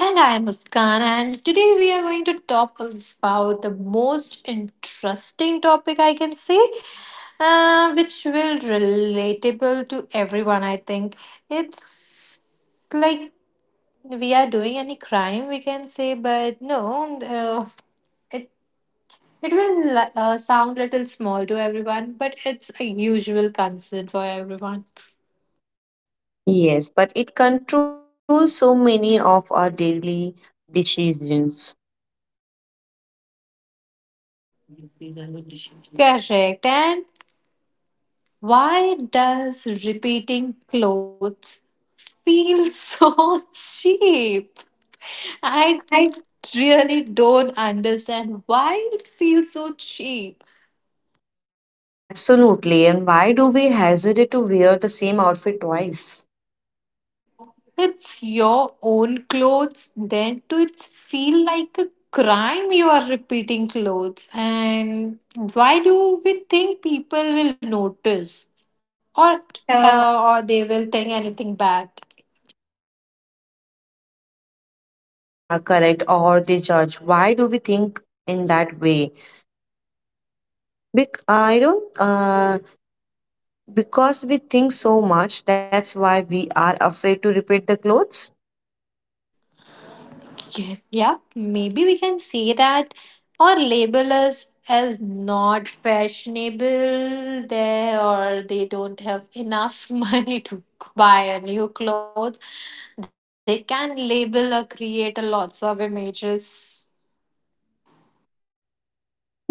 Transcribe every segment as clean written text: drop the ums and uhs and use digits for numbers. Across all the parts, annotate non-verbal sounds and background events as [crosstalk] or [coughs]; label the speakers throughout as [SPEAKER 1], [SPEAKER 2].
[SPEAKER 1] And I'm Muskan, and today we are going to talk about the most interesting topic I can say, which will relatable to everyone. I think it's like we are doing any crime, we can say, but no, it it will sound little small to everyone, but it's a usual concern for everyone.
[SPEAKER 2] Yes, but it controls so many of our daily decisions.
[SPEAKER 1] Correct, and why does repeating clothes feel [laughs] so cheap? I
[SPEAKER 2] Right.
[SPEAKER 1] really don't understand why it feels so cheap.
[SPEAKER 2] Absolutely. And why do we hesitate to wear the same outfit twice?
[SPEAKER 1] It's your own clothes, then do it feel like a crime you are repeating clothes? And why do we think people will notice? Or,
[SPEAKER 2] Uh,
[SPEAKER 1] or they will think anything bad?
[SPEAKER 2] yeah, correct. Or they judge. Why do we think in that way? I don't. Because we think so much. That's why we are afraid to repeat the clothes.
[SPEAKER 1] Yep, maybe we can say that or label us as not fashionable there or they don't have enough [laughs] money to buy a new clothes. They can label or create a lots of images.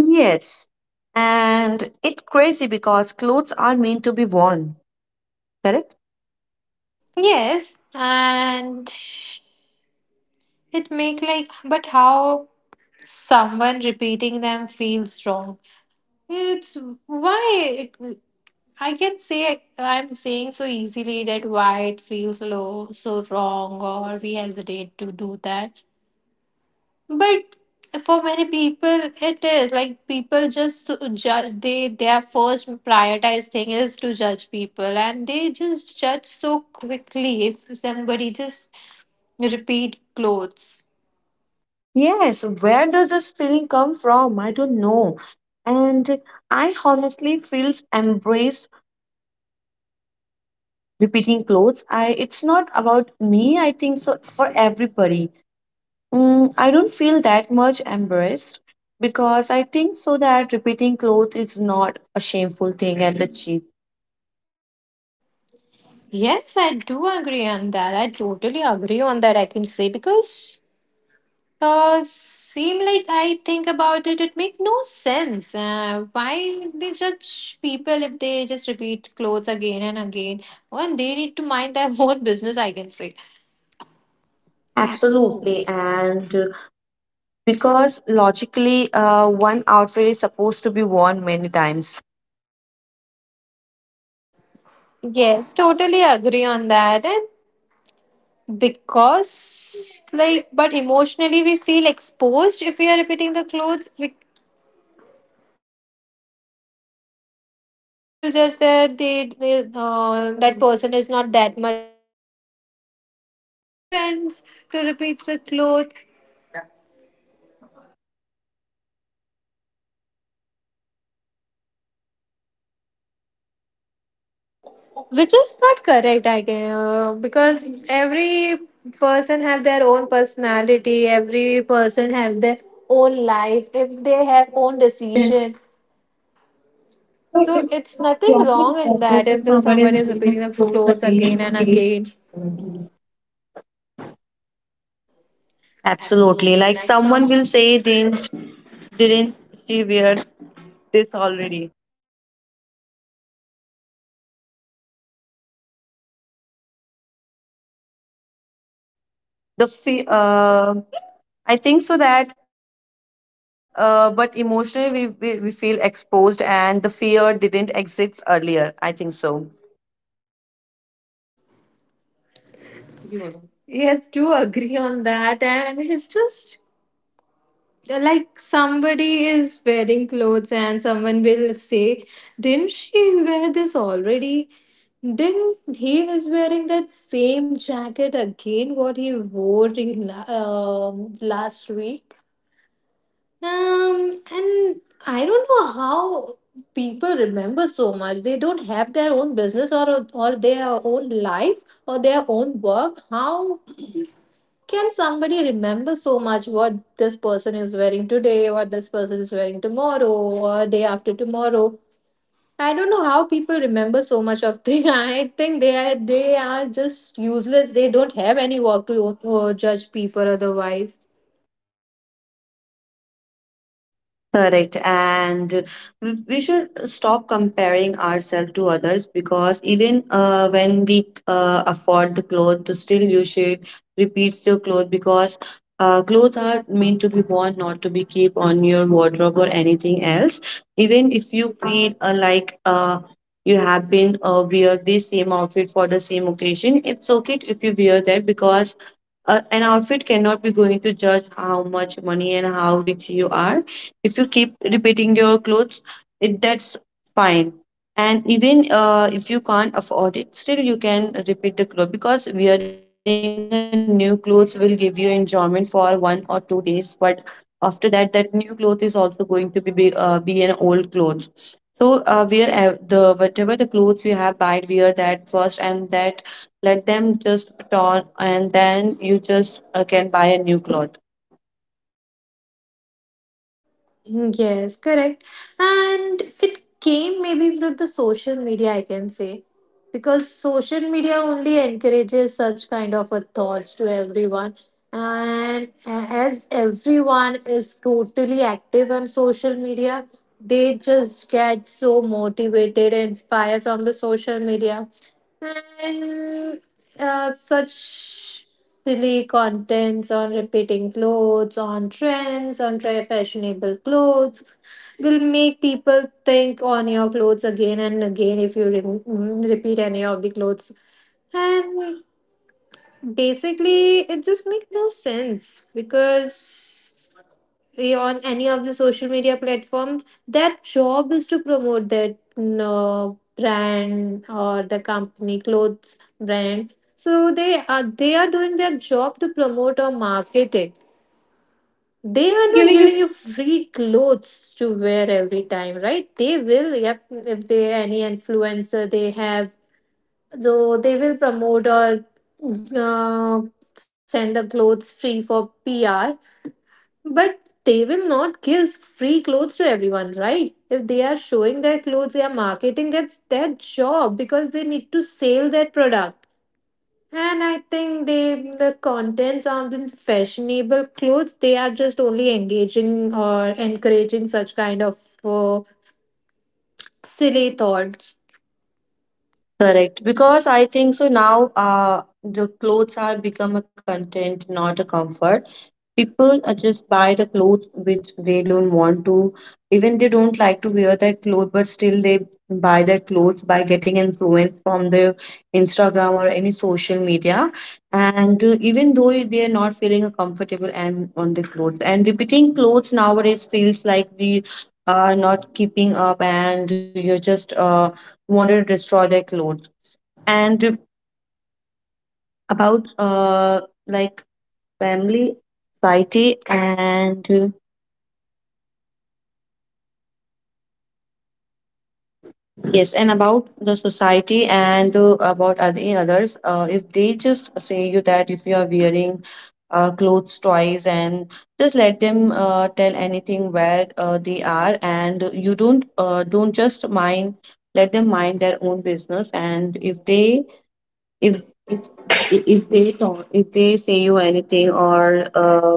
[SPEAKER 2] Yes. And it's crazy because clothes are meant to be worn, correct?
[SPEAKER 1] Yes, and it make like but how someone repeating them feels wrong. It's why it. I can say I'm saying so easily that why it feels low, so wrong, or we hesitate to do that. But for many people, it is like people just judge. They Their first prioritized thing is to judge people, and they just judge so quickly if somebody just repeat clothes.
[SPEAKER 2] Yes. Where does this feeling come from? I don't know. And I honestly feels embrace repeating clothes. I it's not about me, I think so for everybody. Mm, I don't feel that much embarrassed because I think so that repeating clothes is not a shameful thing and the cheap.
[SPEAKER 1] Yes, I do agree on that. I totally agree on that. I can say because seem like I think about it, it make no sense. Why they judge people if they just repeat clothes again and again? When they need to mind their [laughs] own business, I can say.
[SPEAKER 2] Absolutely. And because logically one outfit is supposed to be worn many times.
[SPEAKER 1] Yes, totally agree on that. And because, like, but emotionally we feel exposed if we are repeating the clothes. We and they will just that they that person is not that much fashionable or they don't follow that much of trends to repeat the cloth which is not correct I can because every person have their own personality every person have their own life if they have own decision so it's nothing wrong in that if someone is repeating the clothes again and again.
[SPEAKER 2] Absolutely. Like someone will say, didn't she wear this already? The fe- uh, I think so that, but emotionally we feel exposed and the fear didn't exist earlier. I think so.
[SPEAKER 1] Yes, do agree on that, and it's just like somebody is wearing clothes and someone will say didn't she wear this already didn't he is wearing that same jacket again what he wore in, last week and I don't know how people remember so much they don't have their own business or their own life or their own work how can somebody remember so much what this person is wearing today, what this person is wearing tomorrow, or day after tomorrow? I don't know how people remember so much of things. [laughs] I think they are just useless. They don't have any work to judge people otherwise.
[SPEAKER 2] Correct. And we should stop comparing ourselves to others because even when we afford the clothes, to still you should repeat your clothes because clothes are meant to be worn, not to be keep on your wardrobe or anything else. Even if you feel like you have been wear the same outfit for the same occasion, it's okay if you wear that because an outfit cannot be going to judge how much money and how rich you are if you keep repeating your clothes it that's fine. And even if you can't afford it still you can repeat the clothes because wearing a new clothes will give you enjoyment for 1 or 2 days, but after that that new cloth is also going to be an old clothes. So wear the whatever the clothes you have buy wear that first, and that let them just torn, and then you just can buy a new cloth.
[SPEAKER 1] Yes, correct. And it came maybe with the social media, I can say. Because social media only encourages such kind of a thoughts to everyone. And as everyone is totally active on social media, they just get so motivated and inspired from the social media. And such silly contents on repeating clothes, on trends, on try fashionable clothes will make people think on your clothes again and again if you repeat any of the clothes. And basically, it just makes no sense because on any of the social media platforms their job is to promote that brand or the company clothes brand so they are doing their job to promote or market it.
[SPEAKER 2] They are
[SPEAKER 1] They are
[SPEAKER 2] not
[SPEAKER 1] not
[SPEAKER 2] giving you.
[SPEAKER 1] giving you free clothes to wear every time, right? They will, yep, if they any influencer they have so they will promote or uh, send the clothes free for pr but they will not give free clothes to everyone, right? If they are showing their clothes, they are marketing, that's their job because they need to sell their product. And I think the contents on the fashionable clothes, they are just only engaging or encouraging such kind of uh, silly thoughts.
[SPEAKER 2] Correct, because I think so now the clothes are become a content, not a comfort. People just buy the clothes which they don't want to, even they don't like to wear that clothes, but still they buy that clothes by getting influence from the Instagram or any social media. And even though they are not feeling comfortable and on the clothes, and repeating clothes nowadays feels like we are not keeping up, and you're just wanted to destroy their clothes and about like family society and yes and about the society and about other others if they just say you that if you are wearing clothes twice and just let them tell anything where they are and you don't don't just mind. Let them mind their own business. And if they if they talk if they say you anything or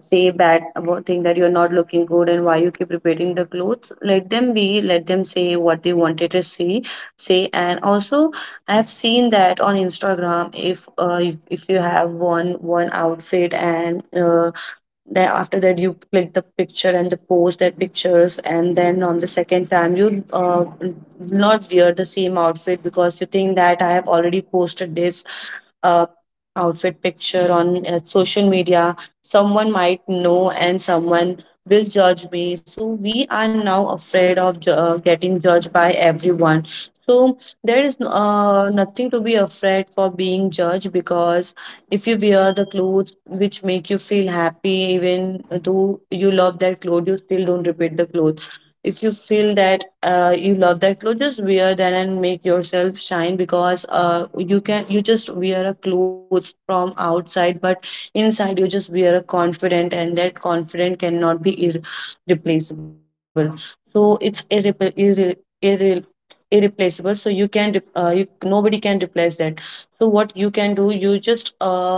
[SPEAKER 2] say bad about thing that you're not looking good and why you keep repeating the clothes, let them be, let them say what they wanted to say. Say, and also I've seen that on Instagram, if if you have one outfit and then after that you click the picture and the post that pictures, and then on the second time you not wear the same outfit because you think that I have already posted this uh, outfit picture on social media, someone might know and someone will judge me. So we are now afraid of getting judged by everyone. So there is nothing to be afraid for being judged because if you wear the clothes which make you feel happy, even though you love that clothes, you still don't repeat the clothes. If you feel that you love that clothes, just wear that and make yourself shine because you can you just wear a clothes from outside, but inside you just wear a confident, and that confident cannot be irreplaceable. So it's irre irreplaceable. So you can you, nobody can replace that. So what you can do, you just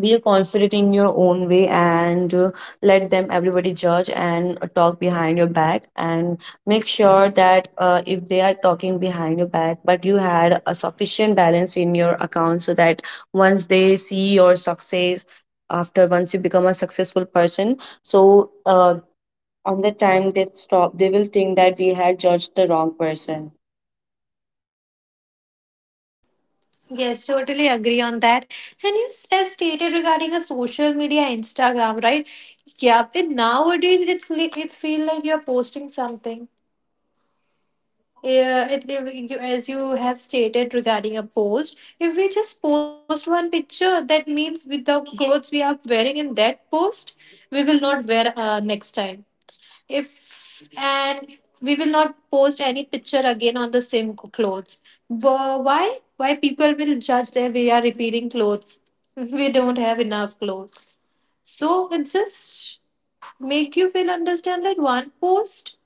[SPEAKER 2] be confident in your own way and let them everybody judge and talk behind your back. And make sure that if they are talking behind your back but you had a sufficient balance in your account so that once they see your success, after once you become a successful person, so on the time they stop they will think that we had judged the wrong person.
[SPEAKER 1] Yes, totally agree on that. And you as stated regarding a social media, Instagram, right? Yeah, but nowadays it's feel like you're posting something. Yeah, it, you, as you have stated regarding a post, if we just post one picture, that means with the clothes we are wearing in that post, we will not wear next time. If and we will not post any picture again on the same clothes. Why? Why people will judge that we are repeating clothes? [laughs] We don't have enough clothes. So it just make you feel understand that one post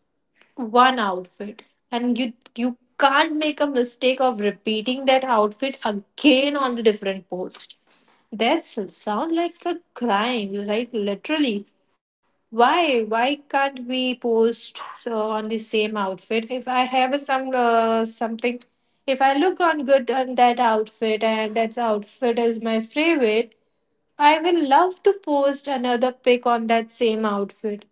[SPEAKER 1] one outfit and you can't make a mistake of repeating that outfit again on the different post. That sound like a crime, like literally why can't we post so on the same outfit if I have a, some something if I look on good on that outfit and that outfit is my favorite I will love to post another pic on that same outfit.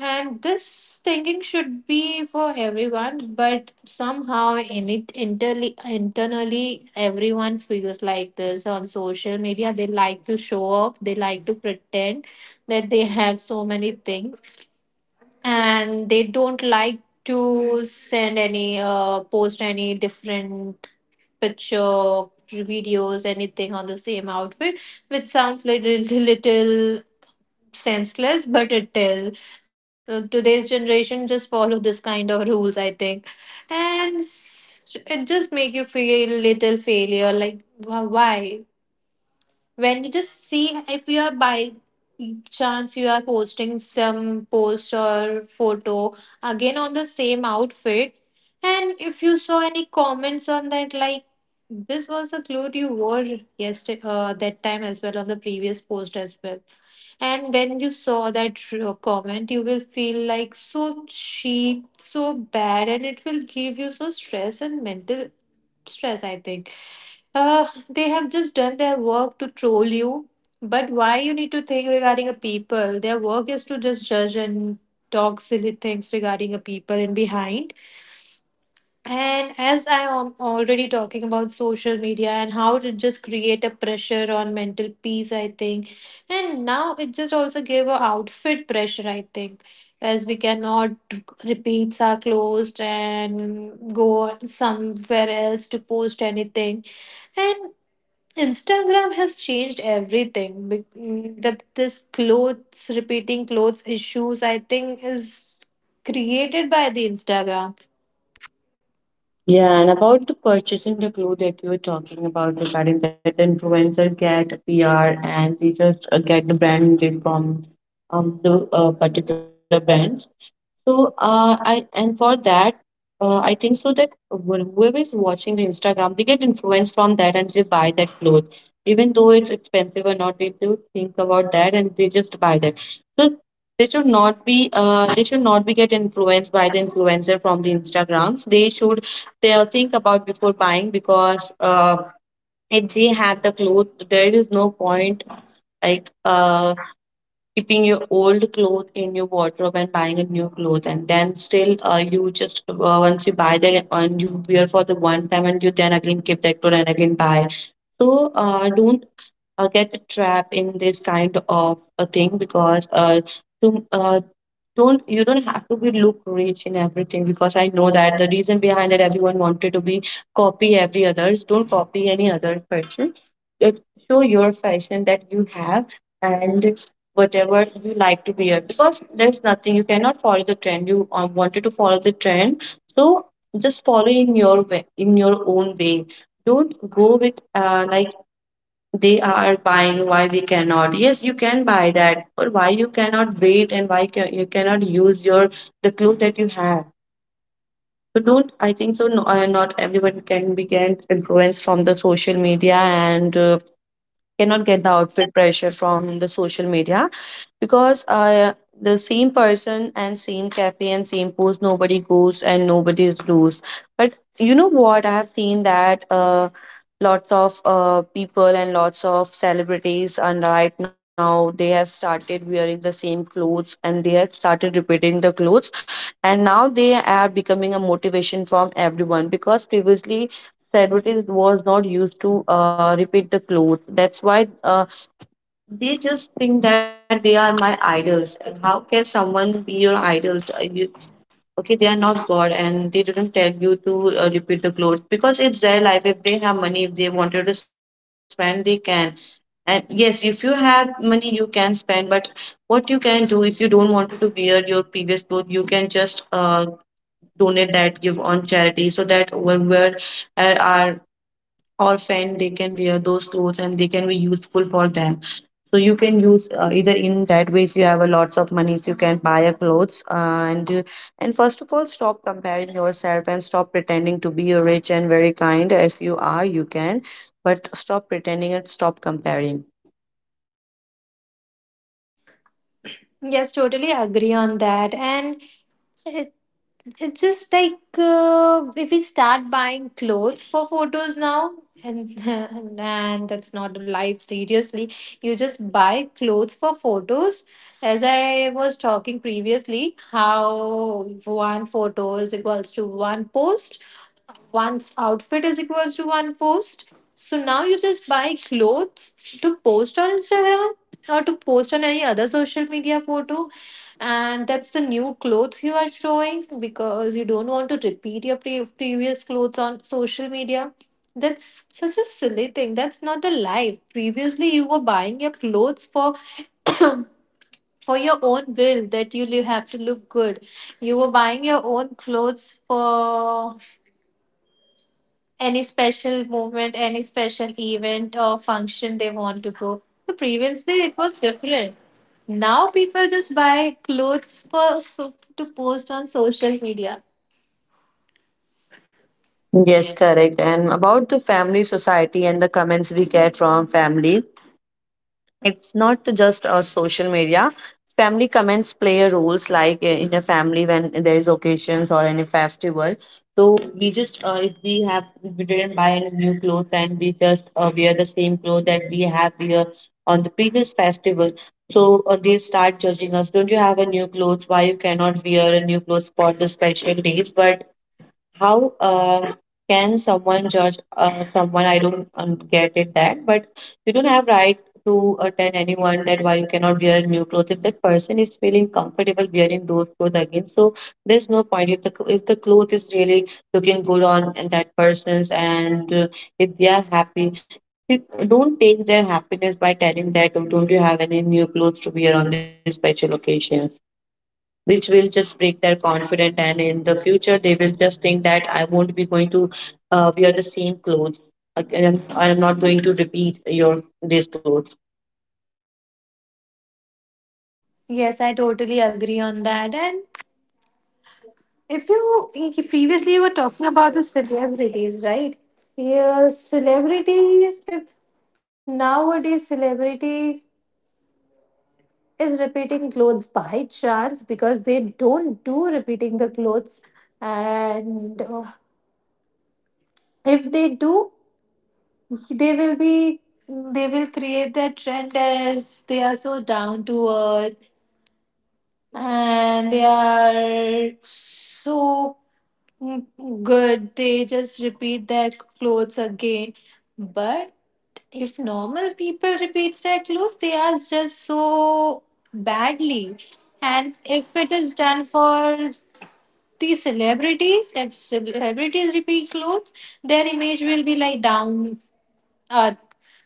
[SPEAKER 1] And this thinking should be for everyone, but somehow in it internally, everyone feels like this on social media. They like to show off, they like to pretend that they have so many things, and they don't like to send any post any different picture videos anything on the same outfit which sounds little [laughs] little senseless but it is. Today's generation just follow this kind of rules I think. And it just make you feel little failure like why when you just see if you are by chance you are posting some post or photo again on the same outfit and if you saw any comments on that like this was the clothes you wore yesterday that time as well on the previous post as well. And when you saw that comment, you will feel like so cheap, so bad, and it will give you so stress and mental stress, I think. They have just done their work to troll you, but why you need to think regarding a people? Their work is to just judge and talk silly things regarding a people in behind. And as I am already talking about social media and how to just create a pressure on mental peace, I think. And now it just also gave a outfit pressure, I think, as we cannot repeats are closed and go somewhere else to post anything. And Instagram has changed everything. Be- mm, The This clothes repeating clothes issues, I think, is created by the Instagram.
[SPEAKER 2] Yeah, and about the purchasing the clue that you were talking about regarding that the influencer get PR and they just get the brand name from the particular brands. So I and for that, I think so that whoever is watching the Instagram, they get influenced from that and they buy that cloth, even though it's expensive or not. They do think about that and they just buy that. So they should not be get influenced by the influencer from the Instagrams. They should they'll think about before buying because if they have the cloth, there is no point like keeping your old clothes in your wardrobe and buying a new clothes, and then still you just once you buy that and you wear for the one time and you then again keep that clothes and again buy. So don't get trapped in this kind of a thing because to, uh, don't you don't have to be look rich in everything because I know that the reason behind that everyone wanted to be copy every others. Don't copy any other person. It- Show your fashion that you have and whatever you like to wear because there's nothing you cannot follow the trend. You wanted to follow the trend, so just follow in your way, in your own way. Don't go with like they are buying why we cannot. Yes, you can buy that. Or why you cannot wait and why you cannot use your the clothes that you have. So don't I think so no, not everyone can be can influenced from the social media and cannot get the outfit pressure from the social media because the same person and same cafe and same post nobody goes and nobody is does. But you know what, I have seen that lots of people and lots of celebrities and right now they have started wearing the same clothes and they have started repeating the clothes. And now they are becoming a motivation from everyone because previously celebrities was not used to repeat the clothes. That's why they just think that they are my idols. How can someone be your idols? You, okay, they are not God, and they didn't tell you to repeat the clothes because it's their life. If they have money, if they wanted to spend, they can. And yes, if you have money, you can spend. But what you can do if you don't want to wear your previous clothes, you can just donate that, give on charity, so that whoever are orphan they can wear those clothes and they can be useful for them. So you can use either in that way if you have a lots of money if you can buy a clothes and first of all stop comparing yourself and stop pretending to be a rich and very kind if you are you can, but stop pretending and stop comparing.
[SPEAKER 1] Yes, totally agree on that. And it, it's just like if we start buying clothes for photos now, and, [laughs] and that's not life, seriously. You just buy clothes for photos. As I was talking previously, how one photos equals to one post one's outfit is equals to one post. So now you just buy clothes to post on Instagram or to post on any other social media photo. And that's the new clothes you are showing because you don't want to repeat your previous clothes on social media. That's such a silly thing. That's not a life. Previously, you were buying your clothes for [coughs] for your own will that you have to look good. You were buying your own clothes for any special movement, any special event or function they want to go. So previously it was different. Now people just buy clothes for so, to post on social media.
[SPEAKER 2] Yes, correct. And about the family society and the comments we get from family, it's not just a social media. Family comments play a roles like in a family when there is occasions or any festival, so we just if we have if we didn't buy any new clothes and we just wear the same clothes that we have here on the previous festival. So they start judging us, don't you have a new clothes, why you cannot wear a new clothes for the special days? But how can someone judge someone? I don't get it that, but you don't have right to tell anyone that why you cannot wear new clothes if that person is feeling comfortable wearing those clothes again. So there's no point if the cloth is really looking good on and that person's and if they are happy, you don't take their happiness by telling that, oh, don't you have any new clothes to wear on this special occasion, which will just break their confidence, and in the future they will just think that I won't be going to wear the same clothes again. I'm not going to repeat your this clothes.
[SPEAKER 1] Yes, I totally agree on that. And if you previously you were talking about the celebrities, right? Yeah, celebrities. If nowadays celebrities is repeating clothes by chance because they don't do repeating the clothes and if they do they will be they will create that trend as they are so down to earth and they are so good they just repeat their clothes again. But if normal people repeats their clothes they are just so badly. And if it is done for the celebrities, if celebrities repeat clothes their image will be like down. A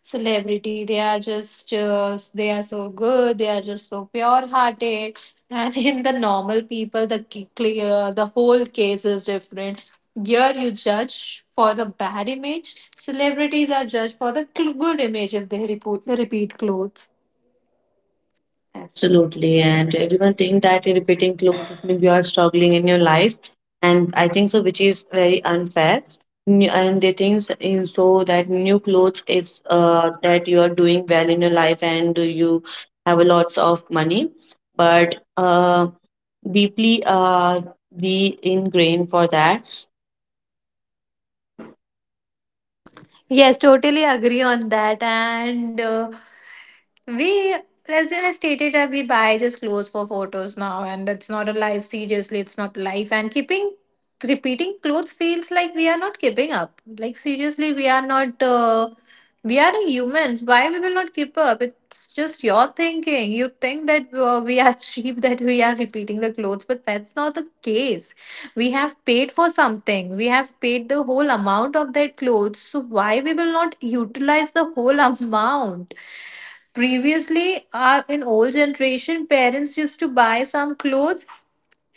[SPEAKER 1] celebrity, they are just, they are so good. They are just so pure hearted. And [laughs] in the normal people, the clear the whole case is different. Here you judge for the bad image. Celebrities are judged for the good image if they repeat clothes.
[SPEAKER 2] Absolutely, and everyone think that repeating clothes means you are struggling in your life, and I think so, which is very unfair. And they think s- in so that new clothes is that you doing well in your life and you have a lots of money, but deeply be ingrained for that.
[SPEAKER 1] Yes, totally agree on that. And we, as I stated, we buy just clothes for photos now, and that's not a life. Seriously, it's not life. And keeping repeating clothes feels like we are not keeping up. Like seriously, we are not. We are humans. Why we will not keep up? It's just your thinking. You think that we are [laughs] cheap that we are repeating the clothes, but that's not the case. We have paid for something. We have paid the whole amount of that clothes, so why we will not utilize the whole [laughs] amount? Previously our in old generation parents used to buy some clothes,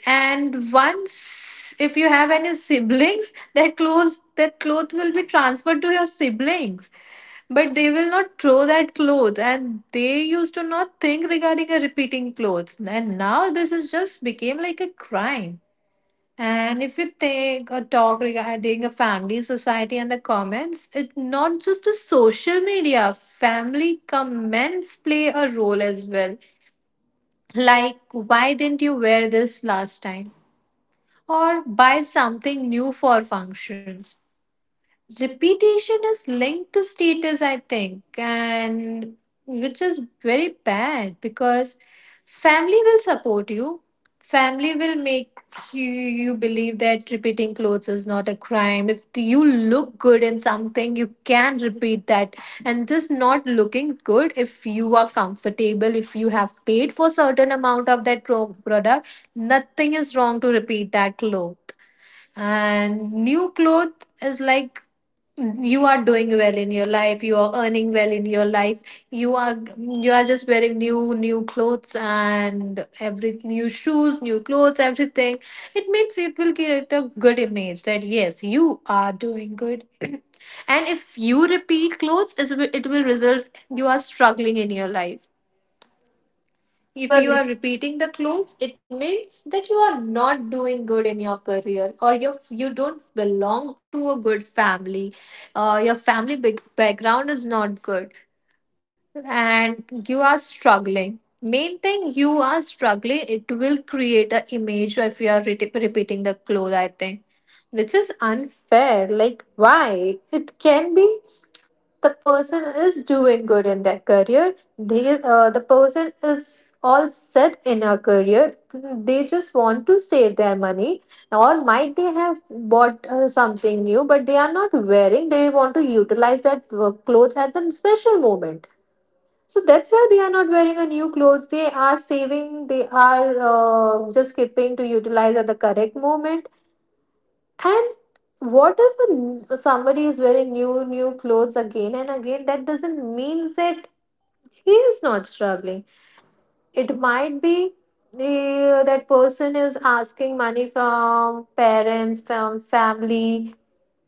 [SPEAKER 1] and once, if you have any siblings, that clothes will be transferred to your siblings, but they will not throw that clothes, and they used to not think regarding a repeating clothes, and now this is just became like a crime. And if you take a talk regarding a family, society, and the comments, it's not just a social media. Family comments play a role as well. Like, why didn't you wear this last time? Or buy something new for functions. Repetition is linked to status, I think, and which is very bad because family will support you. Family will make you believe that repeating clothes is not a crime. If you look good in something, you can repeat that. And just not looking good, if you are comfortable, if you have paid for certain amount of that product, nothing is wrong to repeat that cloth. And new cloth is like you are doing well in your life, you are earning well in your life, you are just wearing new new clothes, and every new shoes, new clothes, everything, it means it will create a good image that yes, you are doing good. [clears throat] And if you repeat clothes, it will result you are struggling in your life.
[SPEAKER 2] If you
[SPEAKER 1] If
[SPEAKER 2] are
[SPEAKER 1] you are repeating the clues, it means that you are not doing good in your career, or you don't belong to a good family. Your family big background is not good and you are struggling. Main thing, you are struggling. It will create a image if you are repeating the clue, I think, which is unfair. Like, why? It can be the person is doing good in their career. They the person is all set in a career. They just want to save their money. Or might they have bought something new, but they are not wearing. They want to utilize that clothes at the special moment. So that's why they are not wearing a new clothes. They are saving. They are just keeping to utilize at the correct moment. And what if somebody is wearing new, new clothes again and again? That doesn't mean that he is not struggling. It might be that person is asking money from parents, from family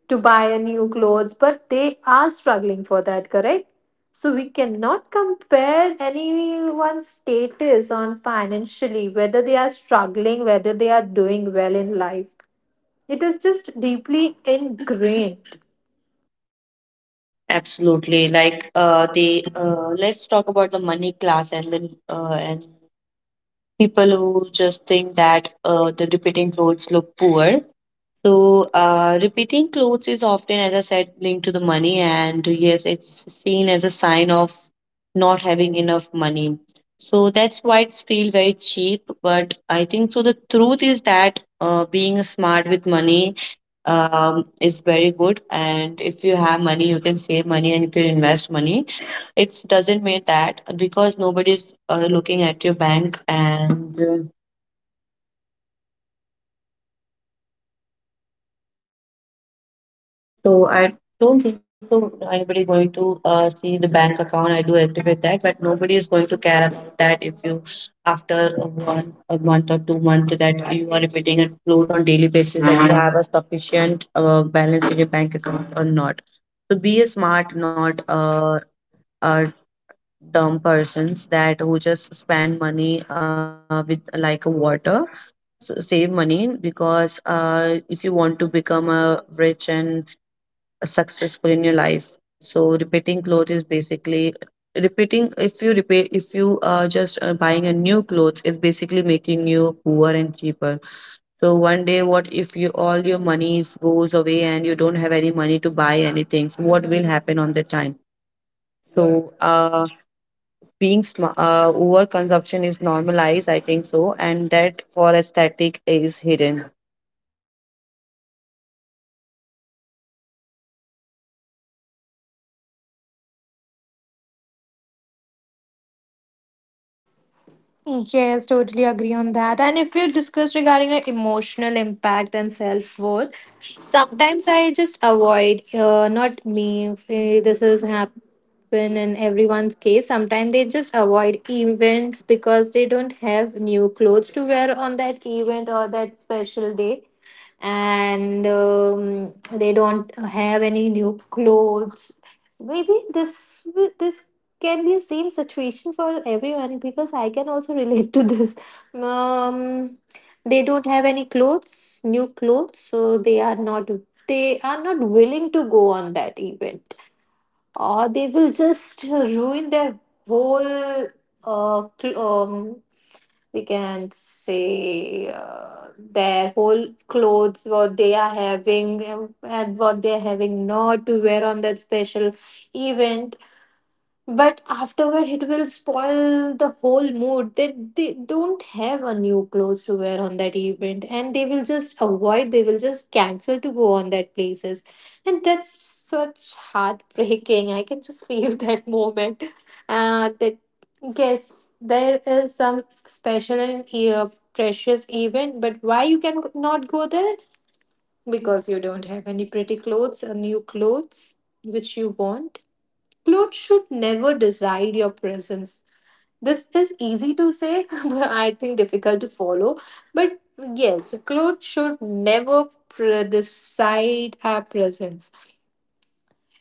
[SPEAKER 1] to buy a new clothes, but they are struggling for that, correct? So we cannot compare anyone's status on financially, whether they are struggling, whether they are doing well in life. It is just deeply ingrained.
[SPEAKER 2] absolutely, like the let's talk about the money class, and then and people who just think that the repeating clothes look poor. So, repeating clothes is often, as I said, linked to the money, and yes, it's seen as a sign of not having enough money. So that's why it's feel very cheap. But I think so. The truth is that being smart with money is very good, and if you have money, you can save money and you can invest money. It doesn't mean that because nobody's looking at your bank and. So I don't think so. Anybody going to see the bank account? I do activate that, but nobody is going to care about that if you after a one a month or 2 months that you are repeating it float on daily basis, that you have a sufficient balance in your bank account or not. So be a smart, not a dumb persons that who just spend money with like a water. So save money, because if you want to become a rich and successful in your life, so repeating clothes is basically repeating, if you repair, if you are just buying a new clothes, it's basically making you poor and cheaper. So one day, what if you all your monies goes away and you don't have any money to buy anything? So what will happen on the time? So being smart, overconsumption is normalized, I think so, and that for aesthetic is hidden.
[SPEAKER 1] Yes, totally agree on that. And if you discuss regarding the emotional impact and self worth, sometimes I just avoid, not me, if, this has happened in everyone's case. Sometimes they just avoid events because they don't have new clothes to wear on that event or that special day. And they don't have any new clothes. Maybe this can be same situation for everyone, because I can also [laughs] relate to this. um they don't have any clothes, new clothes, so they are not, they are not willing to go on that event. Or they will just ruin their whole uh, cl- um, we can say their whole clothes what they are having, and what they're having not to wear on that special event. But afterward, it will spoil the whole mood. They don't have a new clothes to wear on that event, and they will just avoid, they will just cancel to go on that places. And that's such heartbreaking. I can just feel [laughs] that moment. That yes, there is some special and uh, precious event, but why you can not go there? Because you don't have any pretty clothes or new clothes which you want. Clothes should never decide your presence. This is easy to say, [laughs] but I think difficult to follow. But yes, clothes should never decide our presence.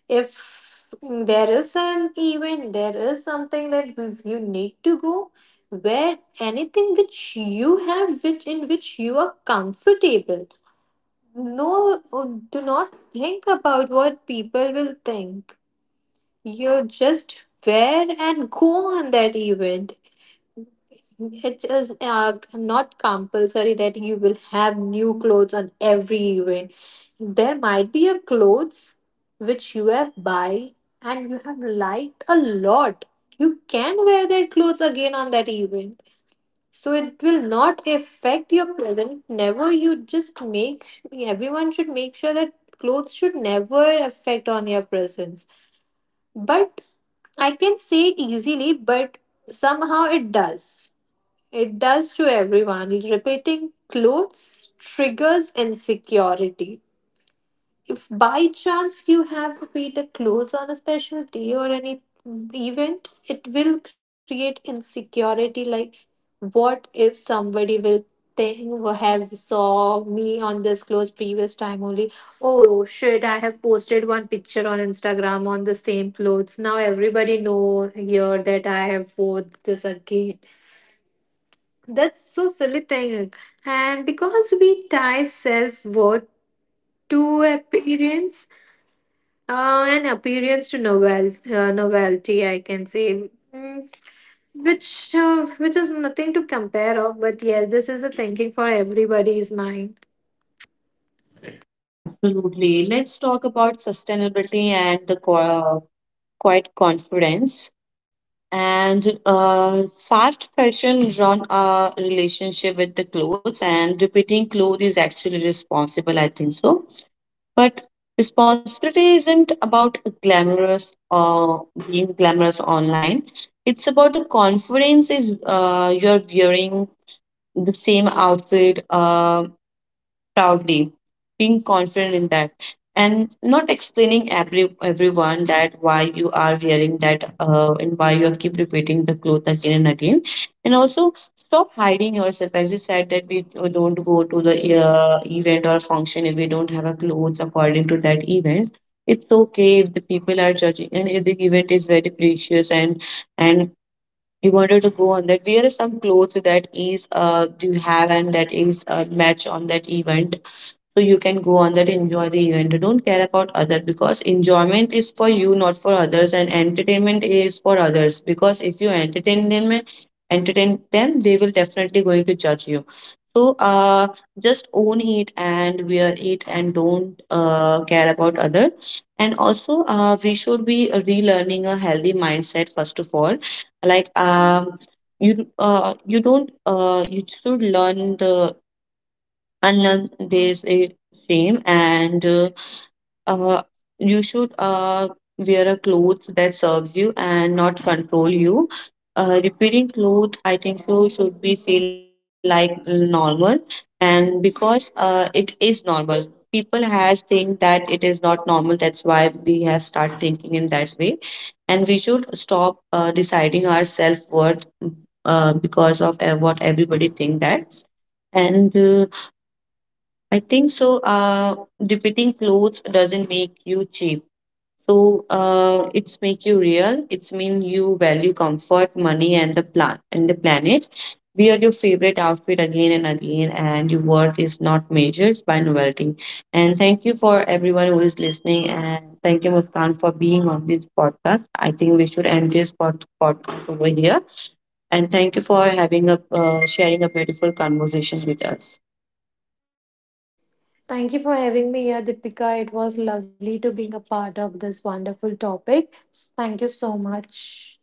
[SPEAKER 1] If there is an event, there is something that you need to go, wear anything which you have, which in which you are comfortable. No, do not think about what people will think. You just wear and go on that event. It is not compulsory that you will have new clothes on every event. There might be a clothes which you have buy and you have liked a lot. You can wear that clothes again on that event. So it will not affect your present. Never, you just make, everyone should make sure that clothes should never affect on your presence. But I can say easily, but somehow it does. It does to everyone. Repeating clothes triggers insecurity. If by chance you have to pay the clothes on a special day or any event, it will create insecurity like what if somebody will think "Well, have saw me on this clothes previous time only. Oh shit, I have posted one picture on Instagram on the same clothes. Now everybody know here that I have wore this again." That's so silly thing. And because we tie self worth to appearance, an appearance to novelty, I can say. Mm, which is nothing to compare of. But yeah, this is a thinking for everybody's mind.
[SPEAKER 2] Absolutely. Let's talk about sustainability and the quite confidence. And fast fashion run a relationship with the clothes, and repeating clothes is actually responsible, I think so. But responsibility isn't about glamorous or being glamorous online. It's about the confidence is you're wearing the same outfit. Proudly, being confident in that, and not explaining everyone that why you are wearing that and why you are keep repeating the cloth again and again, and also stop hiding yourself. As you said that we don't go to the event or function if we don't have a clothes according to that event. It's okay if the people are judging, and if the event is very precious, and you wanted to go on that, wear some clothes that is you have and that is a match on that event. So you can go on that, enjoy the event, don't care about other, because enjoyment is for you, not for others, and entertainment is for others, because if you entertain them, they will definitely going to judge you. So just own it and wear it and don't care about other. And also we should be relearning a healthy mindset, first of all, like you you don't you should learn the unless there's a shame and uh, you should wear a clothes that serves you and not control you. Repeating clothes, I think so, should be feel like normal, and because it is normal. People has think that it is not normal, that's why we have start thinking in that way. And we should stop deciding our self-worth because of what everybody think that. And I think so. Repeating clothes doesn't make you cheap. So it's make you real. It's mean you value comfort, money, and the plan and the planet. Wear your favorite outfit again and again, and your worth is not measured by novelty. And thank you for everyone who is listening, and thank you Muskan for being on this podcast. I think we should end this podcast over here. And thank you for having a sharing a beautiful conversation with us.
[SPEAKER 1] Thank you for having me here, Deepika. It was lovely to being a part of this wonderful topic. Thank you so much.